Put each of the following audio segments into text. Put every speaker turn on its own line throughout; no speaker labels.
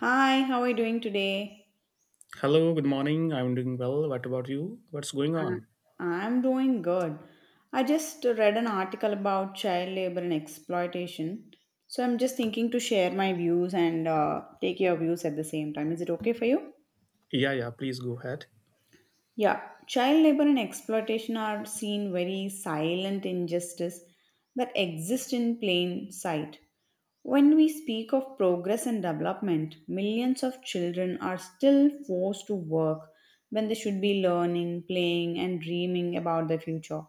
Hi, how are you doing today?
Hello, good morning. I'm doing well. What about you? What's going
Uh,
on?
I'm doing good. I just read an article about child labor and exploitation. So I'm just thinking to share my views and take your views at the same time. Is it okay for you?
Yeah, yeah, please go ahead.
Yeah, child labor and exploitation are seen very silent injustice that exist in plain sight. When we speak of progress and development, millions of children are still forced to work when they should be learning, playing, and dreaming about the future.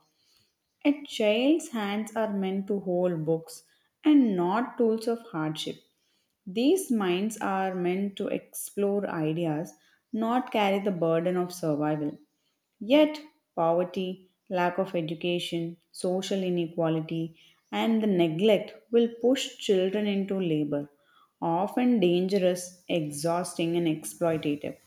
A child's hands are meant to hold books and not tools of hardship. These minds are meant to explore ideas, not carry the burden of survival. Yet, poverty, lack of education, social inequality, and the neglect will push children into labor, often dangerous, exhausting, and exploitative.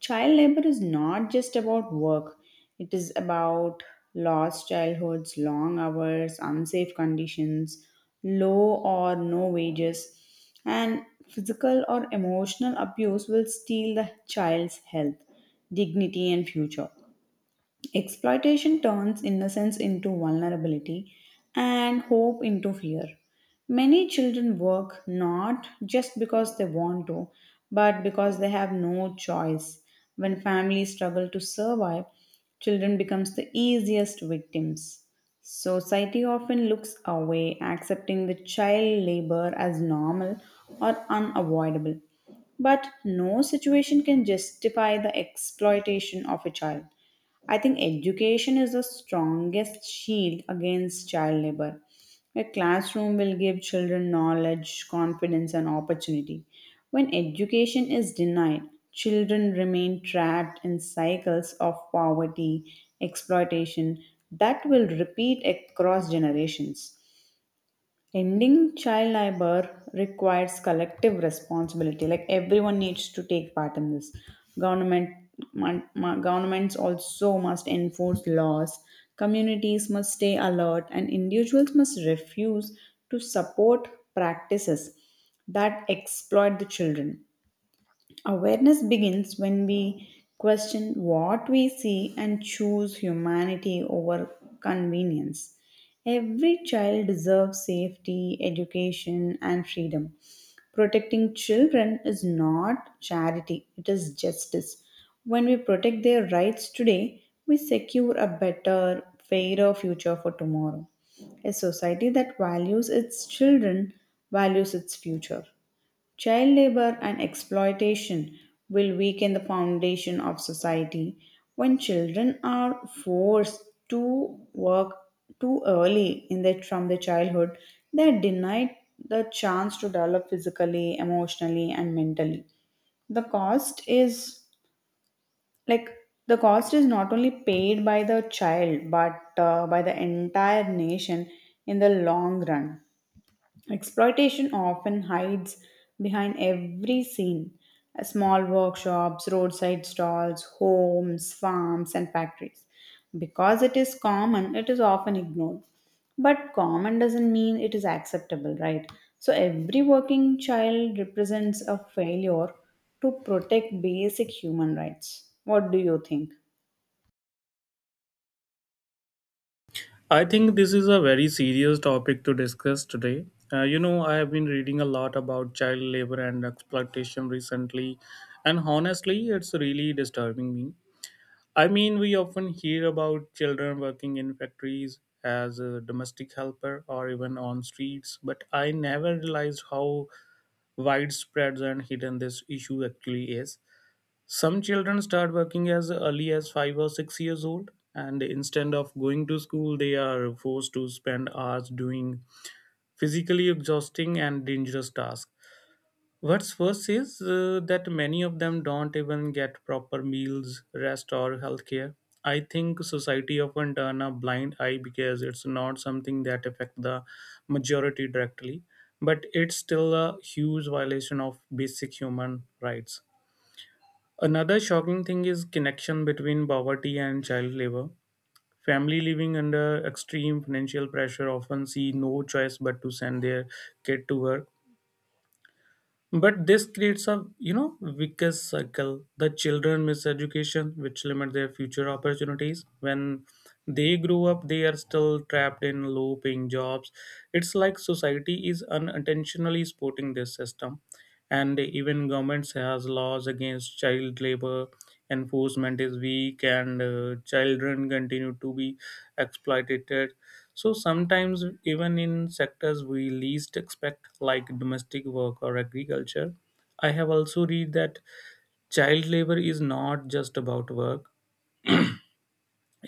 Child labor is not just about work, it is about lost childhoods, long hours, unsafe conditions, low or no wages, and physical or emotional abuse will steal the child's health, dignity, and future. Exploitation turns innocence into vulnerability and hope into fear. Many children work not just because they want to, but because they have no choice. When families struggle to survive, children becomes the easiest victims. Society often looks away, accepting the child labor as normal or unavoidable. But no situation can justify the exploitation of a child. I think education is the strongest shield against child labor. A classroom will give children knowledge, confidence, and opportunity. When education is denied, children remain trapped in cycles of poverty, exploitation that will repeat across generations. Ending child labor requires collective responsibility. Like everyone needs to take part in this. Government, governments also must enforce laws. Communities must stay alert, and individuals must refuse to support practices that exploit the children. Awareness begins when we question what we see and choose humanity over convenience. Every child deserves safety, education, and freedom. Protecting children is not charity, it is justice. When we protect their rights today, we secure a better, fairer future for tomorrow. A society that values its children values its future. Child labor and exploitation will weaken the foundation of society. When children are forced to work too early in from their childhood, they are denied the chance to develop physically, emotionally, and mentally. The cost is like the cost is not only paid by the child but by the entire nation in the long run. Exploitation often hides behind every scene. Small workshops, roadside stalls, homes, farms, and factories. Because it is common, it is often ignored. But common doesn't mean it is acceptable, right? So every working child represents a failure to protect basic human rights. What do you think?
I think this is a very serious topic to discuss today. I have been reading a lot about child labor and exploitation recently, and honestly, it's really disturbing me. I mean, we often hear about children working in factories as a domestic helper or even on streets, but I never realized how widespread and hidden this issue actually is. Some children start working as early as 5 or 6 years old, and instead of going to school, they are forced to spend hours doing physically exhausting and dangerous tasks. What's worse is that many of them don't even get proper meals, rest, or health care. I think society often turn a blind eye because it's not something that affects the majority directly, but it's still a huge violation of basic human rights. Another shocking thing is connection between poverty and child labor. Family living under extreme financial pressure often see no choice but to send their kid to work. But this creates a vicious circle. The children miss education, which limit their future opportunities. When they grow up, they are still trapped in low-paying jobs. It's like society is unintentionally supporting this system, and even governments has laws against child labor, enforcement is weak, and children continue to be exploited. So sometimes even in sectors we least expect, like domestic work or agriculture. I have also read that child labor is not just about work,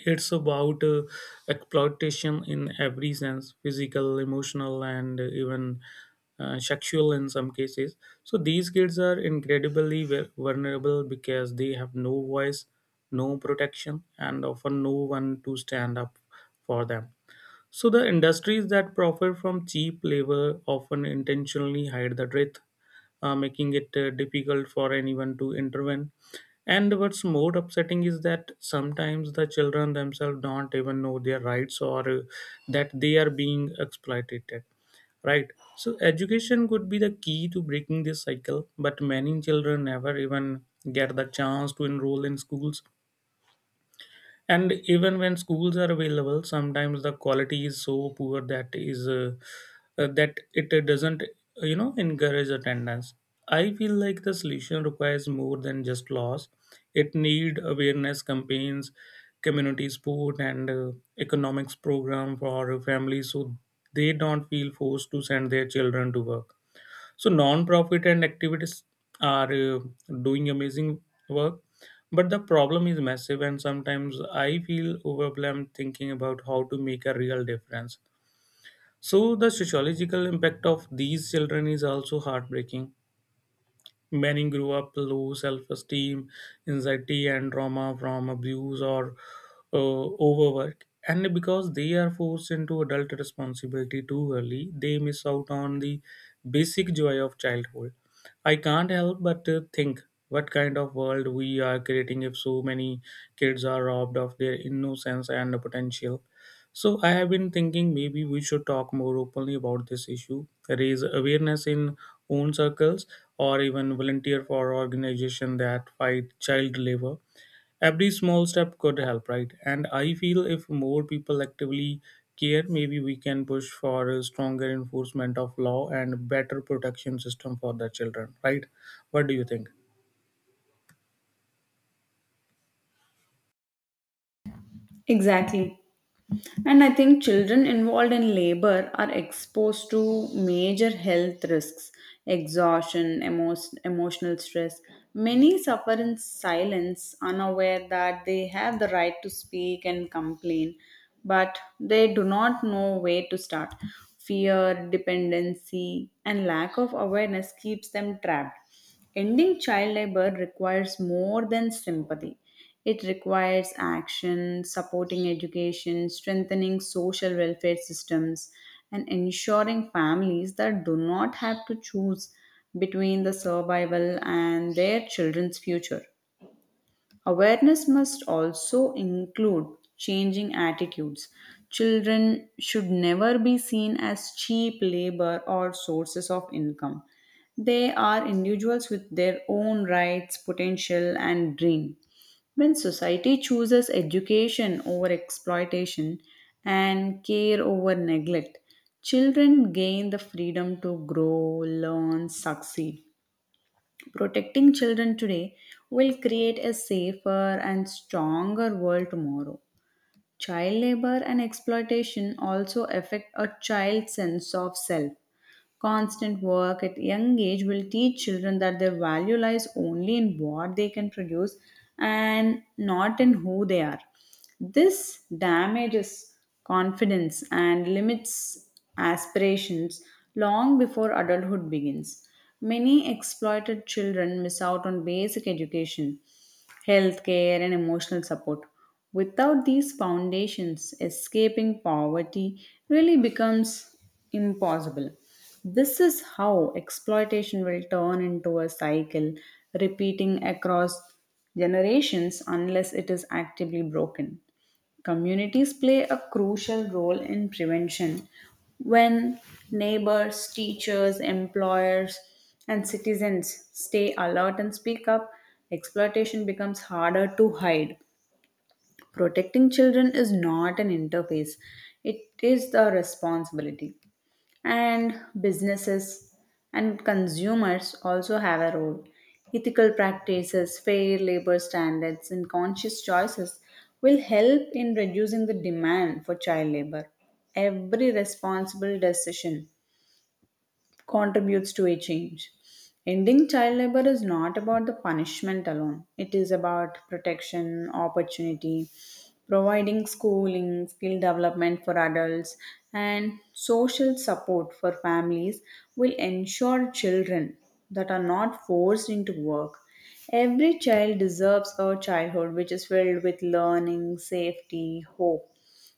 it's about exploitation in every sense: physical, emotional, and even sexual in some cases. So these kids are incredibly vulnerable because they have no voice, no protection, and often no one to stand up for them. So the industries that profit from cheap labor often intentionally hide the truth, making it difficult for anyone to intervene. And what's more upsetting is that sometimes the children themselves don't even know their rights, or that they are being exploited. Right. So education could be the key to breaking this cycle, but many children never even get the chance to enroll in schools. And even when schools are available, sometimes the quality is so poor that is that it doesn't encourage attendance. I feel like the solution requires more than just laws. It need awareness campaigns, community support, and economics program for families, so they don't feel forced to send their children to work. So non-profit and activities are doing amazing work, but the problem is massive, and sometimes I feel overwhelmed thinking about how to make a real difference. So the sociological impact of these children is also heartbreaking. Many grew up low self esteem, anxiety, and trauma from abuse or overwork. And because they are forced into adult responsibility too early, they miss out on the basic joy of childhood. I can't help but think what kind of world we are creating if so many kids are robbed of their innocence and potential. So I have been thinking maybe we should talk more openly about this issue, raise awareness in own circles, or even volunteer for organizations that fight child labor. Every small step could help, right? And I feel if more people actively care, maybe we can push for a stronger enforcement of law and better protection system for the children, right? What do you think?
Exactly. And I think children involved in labor are exposed to major health risks, exhaustion, emotional stress. Many suffer in silence, unaware that they have the right to speak and complain, but they do not know where to start. Fear, dependency, and lack of awareness keeps them trapped. Ending child labor requires more than sympathy. It requires action, supporting education, strengthening social welfare systems, and ensuring families that do not have to choose between the survival and their children's future. Awareness must also include changing attitudes. Children should never be seen as cheap labor or sources of income. They are individuals with their own rights, potential, and dream. When society chooses education over exploitation and care over neglect, children gain the freedom to grow, learn, succeed. Protecting children today will create a safer and stronger world tomorrow. Child labor and exploitation also affect a child's sense of self. Constant work at young age will teach children that their value lies only in what they can produce and not in who they are. This damages confidence and limits aspirations long before adulthood begins. Many exploited children miss out on basic education healthcare, and emotional support. Without these foundations, escaping poverty really becomes impossible. This is how exploitation will turn into a cycle, repeating across generations unless it is actively broken. Communities play a crucial role in prevention. When neighbors, teachers, employers, and citizens stay alert and speak up, exploitation becomes harder to hide. Protecting children is not an interface, it is the responsibility. And businesses and consumers also have a role. Ethical practices, fair labor standards, and conscious choices will help in reducing the demand for child labor. Every responsible decision contributes to a change. Ending child labor is not about the punishment alone, it is about protection, opportunity, providing schooling, skill development for adults, and social support for families will ensure children that are not forced into work. Every child deserves a childhood which is filled with learning, safety, hope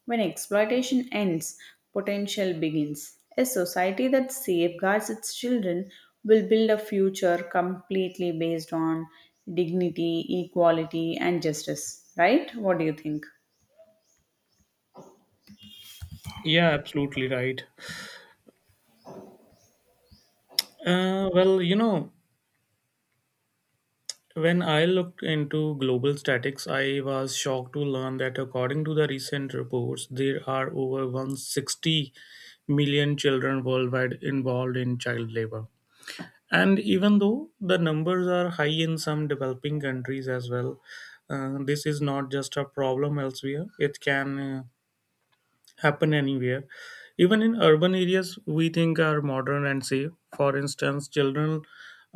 when exploitation ends, potential begins. A society that safeguards its children will build a future completely based on dignity, equality, and justice. Right? What do you think?
Yeah, absolutely right. Uh, well, you know, when I looked into global statics, I was shocked to learn that according to the recent reports, there are over 160 million children worldwide involved in child labor. And even though the numbers are high in some developing countries as well, this is not just a problem elsewhere. It can happen anywhere, even in urban areas we think are modern and safe. For instance, children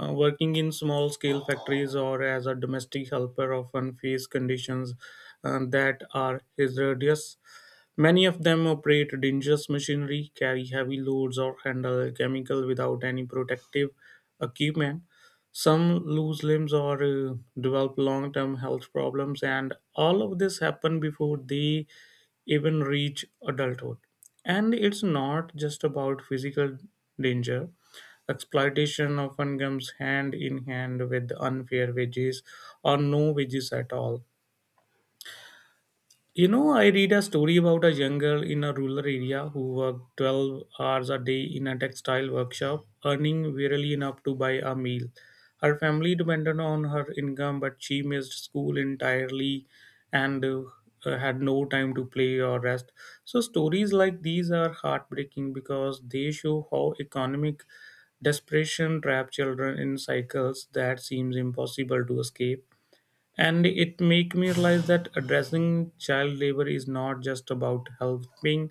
working in small scale factories or as a domestic helper often face conditions that are hazardous. Many of them operate dangerous machinery, carry heavy loads, or handle chemical without any protective equipment. Some lose limbs or develop long term health problems, and all of this happen before they even reach adulthood. And it's not just about physical danger. Exploitation often comes hand in hand with unfair wages, or no wages at all. You know, I read a story about a young girl in a rural area who worked 12 hours a day in a textile workshop, earning barely enough to buy a meal. Her family depended on her income, but she missed school entirely and had no time to play or rest. So stories like these are heartbreaking because they show how economic desperation trap children in cycles that seems impossible to escape. And it make me realize that addressing child labor is not just about helping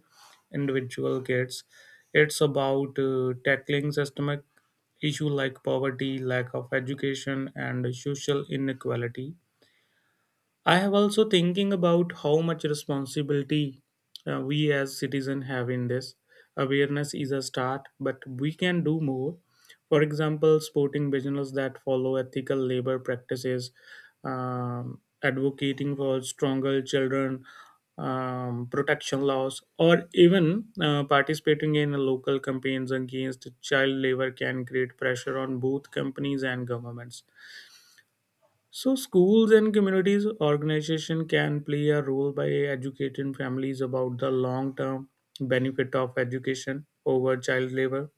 individual kids, it's about tackling systemic issues like poverty, lack of education, and social inequality. I have also thinking about how much responsibility we as citizens have in this. Awareness is a start, but we can do more. For example, supporting business that follow ethical labor practices, advocating for stronger children protection laws, or even participating in local campaigns against child labor can create pressure on both companies and governments. So schools and communities organization can play a role by educating families about the long term benefit of education over child labor.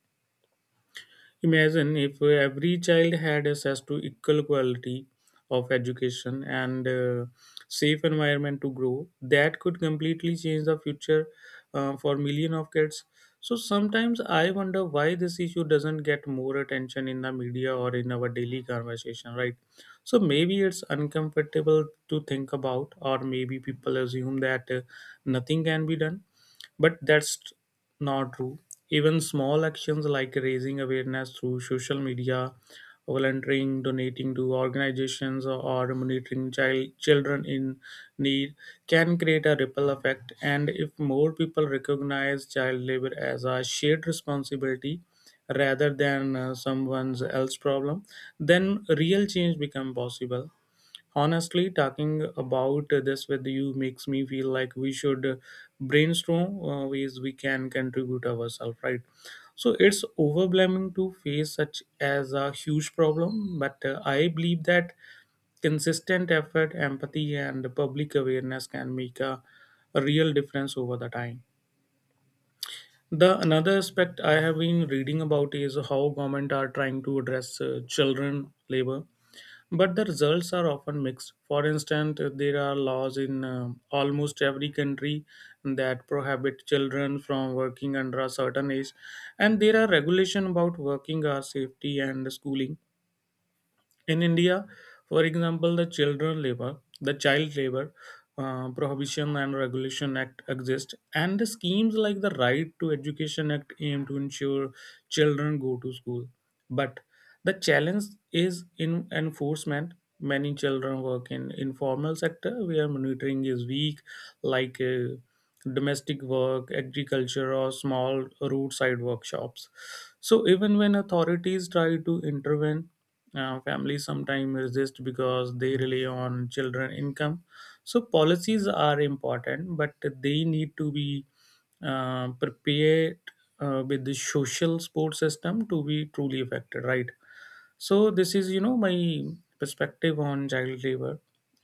Imagine if every child had access to equal quality of education and safe environment to grow, that could completely change the future for million of kids. So sometimes I wonder why this issue doesn't get more attention in the media or in our daily conversation, right? So maybe it's uncomfortable to think about, or maybe people assume that nothing can be done. But that's not true. Even small actions like raising awareness through social media, volunteering, donating to organizations, or monitoring children in need can create a ripple effect. And if more people recognize child labor as a shared responsibility rather than someone else's problem, then real change become possible. Honestly, talking about this with you makes me feel like we should brainstorm ways we can contribute ourselves, right? So it's overwhelming to face such as a huge problem, but I believe that consistent effort, empathy, and public awareness can make a real difference over the time. The another aspect I have been reading about is how government are trying to address children labor, but the results are often mixed. For instance, there are laws in almost every country that prohibit children from working under a certain age, and there are regulations about working hours, safety, and schooling. In India, for example, the child labor prohibition and regulation act exist, and the schemes like the Right to Education Act aim to ensure children go to school. But the challenge is in enforcement. Many children work in informal sector where monitoring is weak, like domestic work, agriculture, or small roadside workshops. So even when authorities try to intervene, families sometimes resist because they rely on children income. So policies are important, but they need to be prepared with the social support system to be truly effective, right? So this is my perspective on child labor,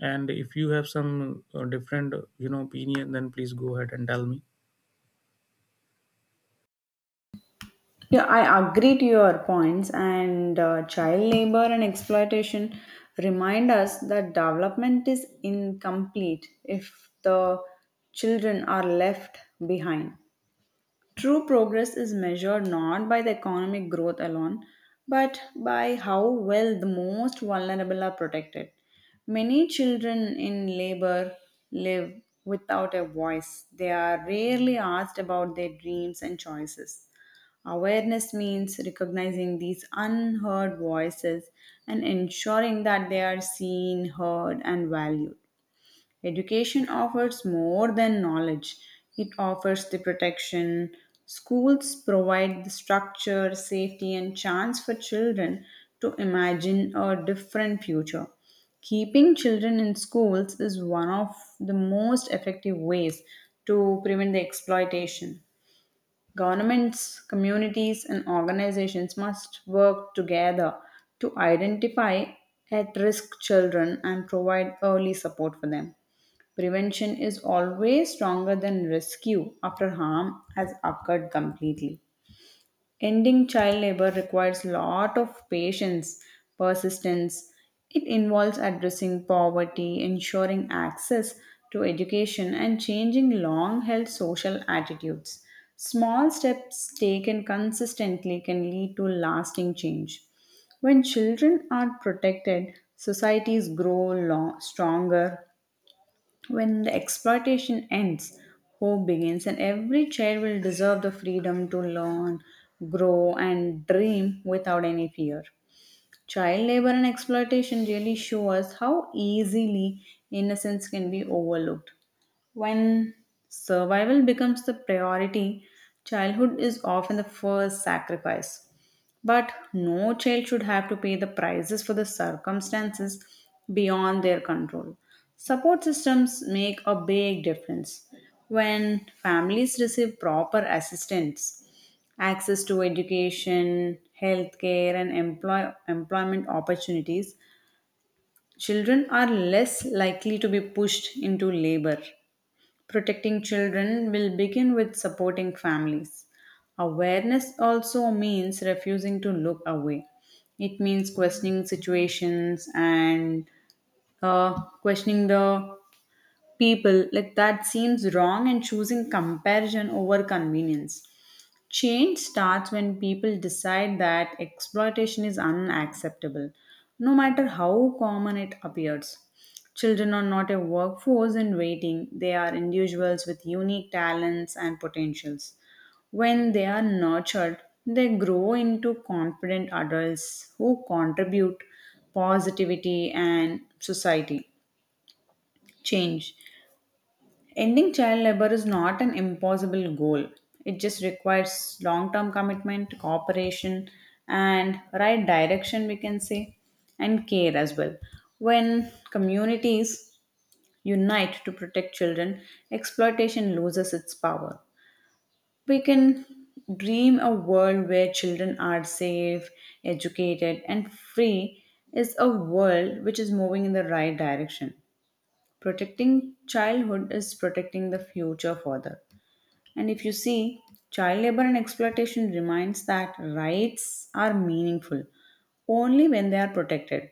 and if you have some different opinion, then please go ahead and tell me.
Yeah, I agree to your points, and child labor and exploitation remind us that development is incomplete if the children are left behind. True progress is measured not by the economic growth alone, but by how well the most vulnerable are protected. Many children in labor live without a voice. They are rarely asked about their dreams and choices. Awareness means recognizing these unheard voices and ensuring that they are seen, heard, and valued. Education offers more than knowledge, it offers the protection. Schools provide the structure, safety, and chance for children to imagine a different future. Keeping children in schools is one of the most effective ways to prevent the exploitation. Governments, communities, and organizations must work together to identify at risk children and provide early support for them. Prevention is always stronger than rescue after harm has occurred completely. Ending child labor requires lot of patience, persistence. It involves addressing poverty, ensuring access to education, and changing long held social attitudes. Small steps taken consistently can lead to lasting change. When children are protected, societies grow stronger, when the exploitation ends, hope begins, and every child will deserve the freedom to learn, grow, and dream without any fear. Child labor and exploitation really show us how easily innocence can be overlooked. When survival becomes the priority, childhood is often the first sacrifice. But no child should have to pay the prices for the circumstances beyond their control. Support systems make a big difference. When families receive proper assistance, access to education, healthcare, and employment opportunities, children are less likely to be pushed into labor. Protecting children will begin with supporting families. Awareness also means refusing to look away. It means questioning situations and uh, questioning the people like that seems wrong and choosing comparison over convenience. Change starts when people decide that exploitation is unacceptable, no matter how common it appears. Children are not a workforce in waiting, they are individuals with unique talents and potentials. When they are nurtured, they grow into confident adults who contribute positivity and society change. Ending child labor is not an impossible goal. It just requires long term commitment, cooperation, and right direction, we can say, and care as well. When communities unite to protect children, exploitation loses its power. We can dream a world where children are safe, educated, and free is a world which is moving in the right direction. Protecting childhood is protecting the future further. And if you see, child labor and exploitation reminds that rights are meaningful only when they are protected.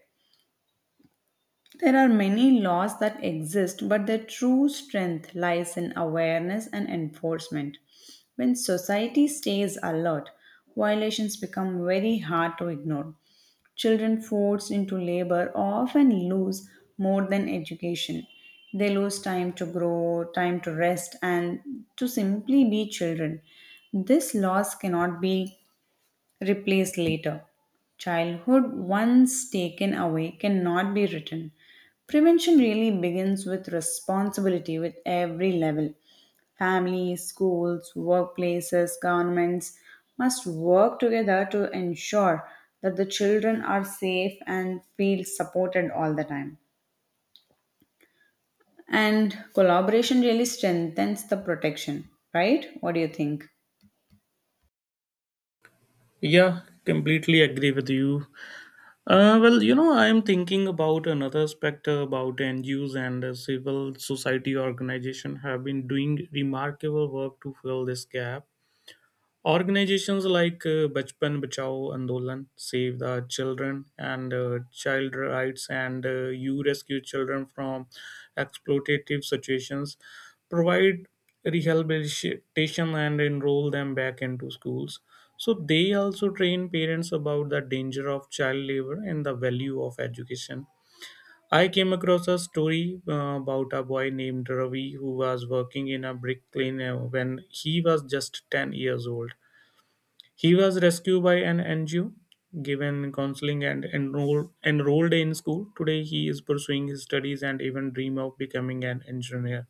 There are many laws that exist, but their true strength lies in awareness and enforcement. When society stays alert, violations become very hard to ignore. Children forced into labor often lose more than education. They lose time to grow, time to rest, and to simply be children. These laws cannot be replaced later. Childhood, once taken away, cannot be written. Prevention really begins with responsibility with every level. Families, schools, workplaces, governments must work together to ensure that the children are safe and feel supported all the time. And collaboration really strengthens the protection, right? What do you think?
Yeah, completely agree with you. I'm thinking about another aspect about NGOs and civil society organization have been doing remarkable work to fill this gap. Organizations like Bachpan Bachao Andolan, Save the Children, and Child Rights and You Rescue Children from Exploitative Situations provide rehabilitation and enroll them back into schools. So they also train parents about the danger of child labor and the value of education. I came across a story about a boy named Ravi who was working in a brick lane when he was just 10 years old. He was rescued by an NGO, given counseling, and enrolled in school. Today, he is pursuing his studies and even dream of becoming an engineer.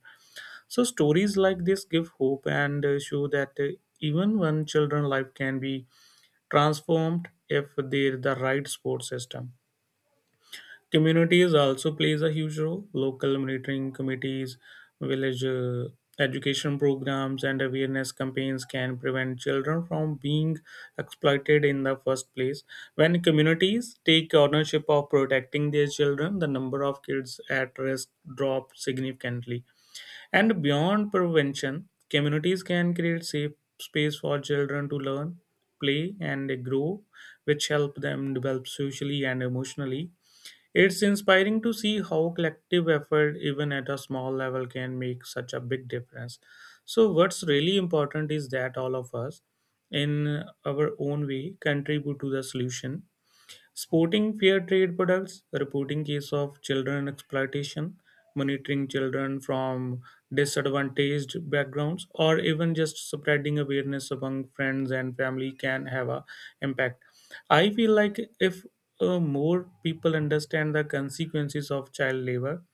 So stories like this give hope and show that even one children's life can be transformed if there the right support system. Communities also plays a huge role. Local monitoring committees, village education programs, and awareness campaigns can prevent children from being exploited in the first place. When communities take ownership of protecting their children, the number of kids at risk drops significantly. And beyond prevention, communities can create safe space for children to learn, play, and grow, which help them develop socially and emotionally. It's inspiring to see how collective effort, even at a small level, can make such a big difference. So what's really important is that all of us, in our own way, contribute to the solution. Supporting fair trade products, reporting case of children exploitation, monitoring children from disadvantaged backgrounds, or even just spreading awareness among friends and family can have a impact. I feel like if more people understand the consequences of child labor,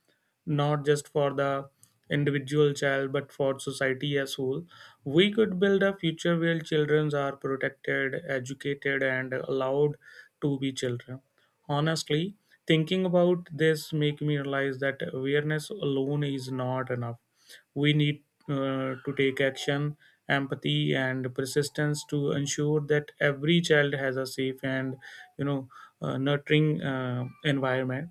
not just for the individual child but for society as whole, we could build a future where children are protected, educated, and allowed to be children. Honestly, thinking about this make me realize that awareness alone is not enough. We need to take action, empathy, and persistence to ensure that every child has a safe and you know nurturing environment.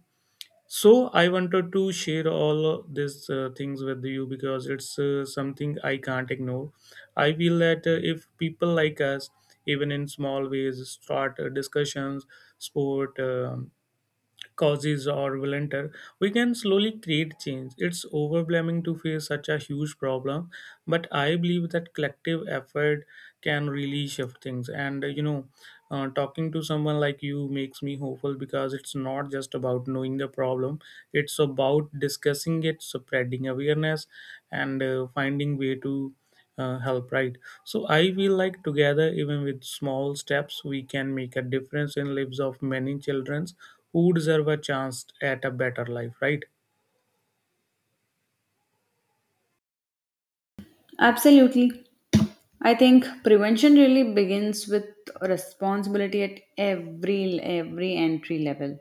So I wanted to share all these things with you because it's something I can't ignore. I feel that if people like us, even in small ways, start discussions, sport causes, or volunteer, we can slowly create change. It's overwhelming to face such a huge problem, but I believe that collective effort can really shift things. And talking to someone like you makes me hopeful, because it's not just about knowing the problem, it's about discussing it, spreading awareness, and finding way to help, right? So I feel like together, even with small steps, we can make a difference in lives of many children who deserve a chance at a better life, right?
Absolutely. I think prevention really begins with responsibility at every entry level.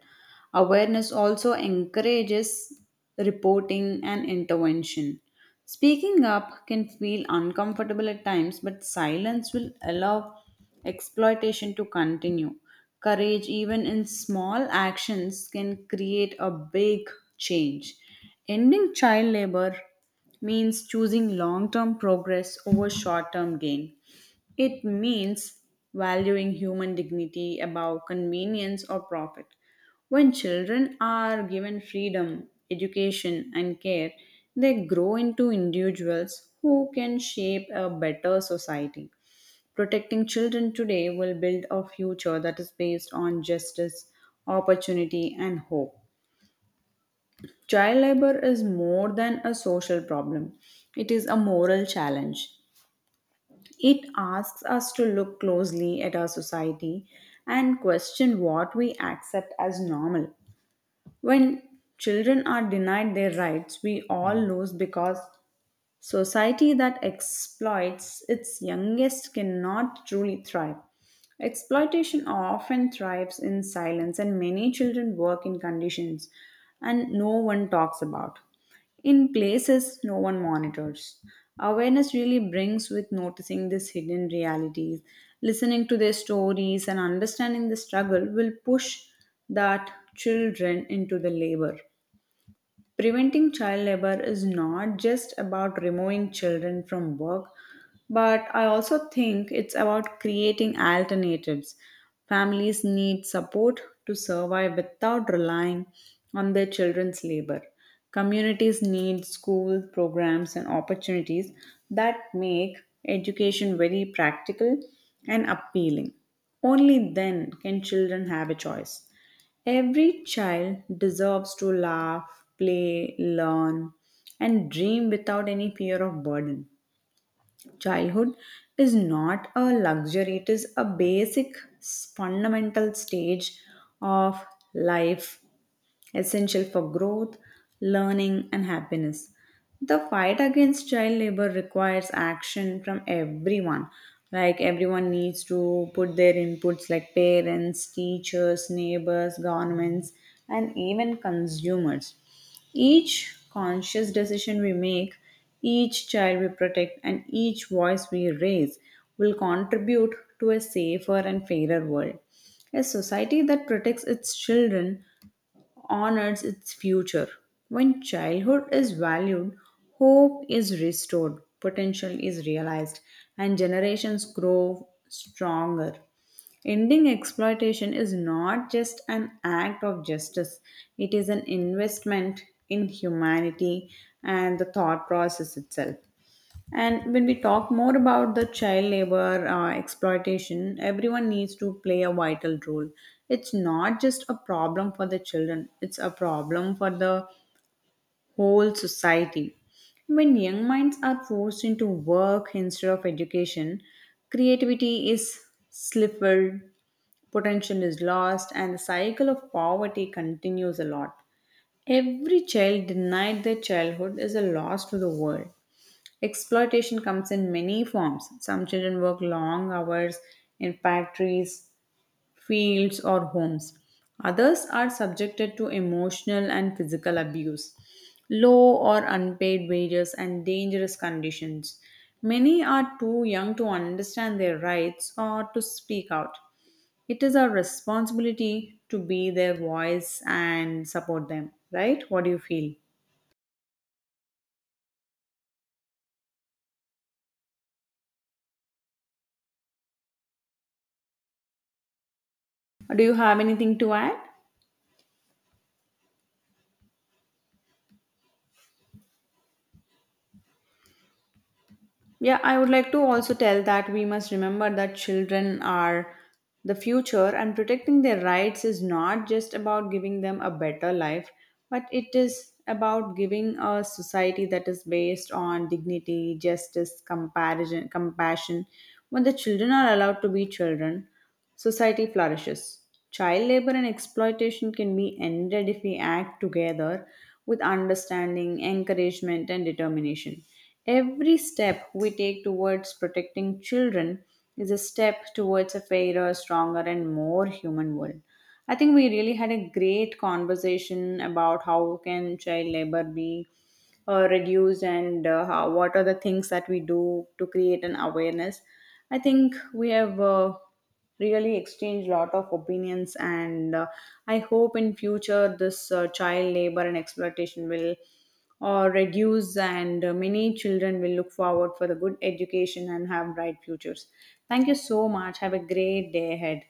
Awareness also encourages reporting and intervention. Speaking up can feel uncomfortable at times, but silence will allow exploitation to continue. Courage, even in small actions, can create a big change. Ending child labor means choosing long term progress over short term gain. It means valuing human dignity above convenience or profit. When children are given freedom, education, and care, they grow into individuals who can shape a better society. Protecting children today will build a future that is based on justice, opportunity, and hope. Child labor is more than a social problem, it is a moral challenge. It asks us to look closely at our society and question what we accept as normal. When children are denied their rights, we all lose because Society that exploits its youngest cannot truly thrive. Exploitation often thrives in silence, and many children work in conditions and no one talks about. In places no one monitors. Awareness really brings with noticing these hidden realities, listening to their stories, and understanding the struggle will push that children into the labor. Preventing child labor is not just about removing children from work, but I also think it's about creating alternatives. Families need support to survive without relying on their children's labor. Communities need school programs and opportunities that make education very practical and appealing. Only then can children have a choice. Every child deserves to laugh, play, learn, and dream without any fear of burden. Childhood is not a luxury, it is a basic, fundamental stage of life essential for growth, learning, and happiness. The fight against child labor requires action from everyone. Like everyone needs to put their inputs, like parents, teachers, neighbors, governments, and even consumers. Each conscious decision we make, each child we protect, and each voice we raise will contribute to a safer and fairer world. A society that protects its children honors its future. When childhood is valued, hope is restored, potential is realized, and generations grow stronger. Ending exploitation is not just an act of justice, it is an investment in humanity and the thought process itself. And when we talk more about the child labor exploitation, everyone needs to play a vital role. It's not just a problem for the children, it's a problem for the whole society. When young minds are forced into work instead of education, creativity is stifled, potential is lost, and the cycle of poverty continues a lot. Every child denied their childhood is a loss to the world. Exploitation comes in many forms. Some children work long hours in factories, fields, or homes. Others are subjected to emotional and physical abuse, low or unpaid wages, and dangerous conditions. Many are too young to understand their rights or to speak out. It is our responsibility to be their voice and support them, right? What do you feel? Do you have anything to add? Yeah, I would like to also tell that we must remember that children are the future and protecting their rights is not just about giving them a better life, but it is about giving a society that is based on dignity, justice, comparison, compassion. When the children are allowed to be children, society flourishes. Child labor and exploitation can be ended if we act together with understanding, encouragement, and determination. Every step we take towards protecting children is a step towards a fairer, stronger, and more human world. I think we really had a great conversation about how can child labor be reduce and how, what are the things that we do to create an awareness. I think we have really exchanged lot of opinions and I hope in future this child labor and exploitation will or reduce and many children will look forward for the good education and have bright futures. Thank you so much, have a great day ahead.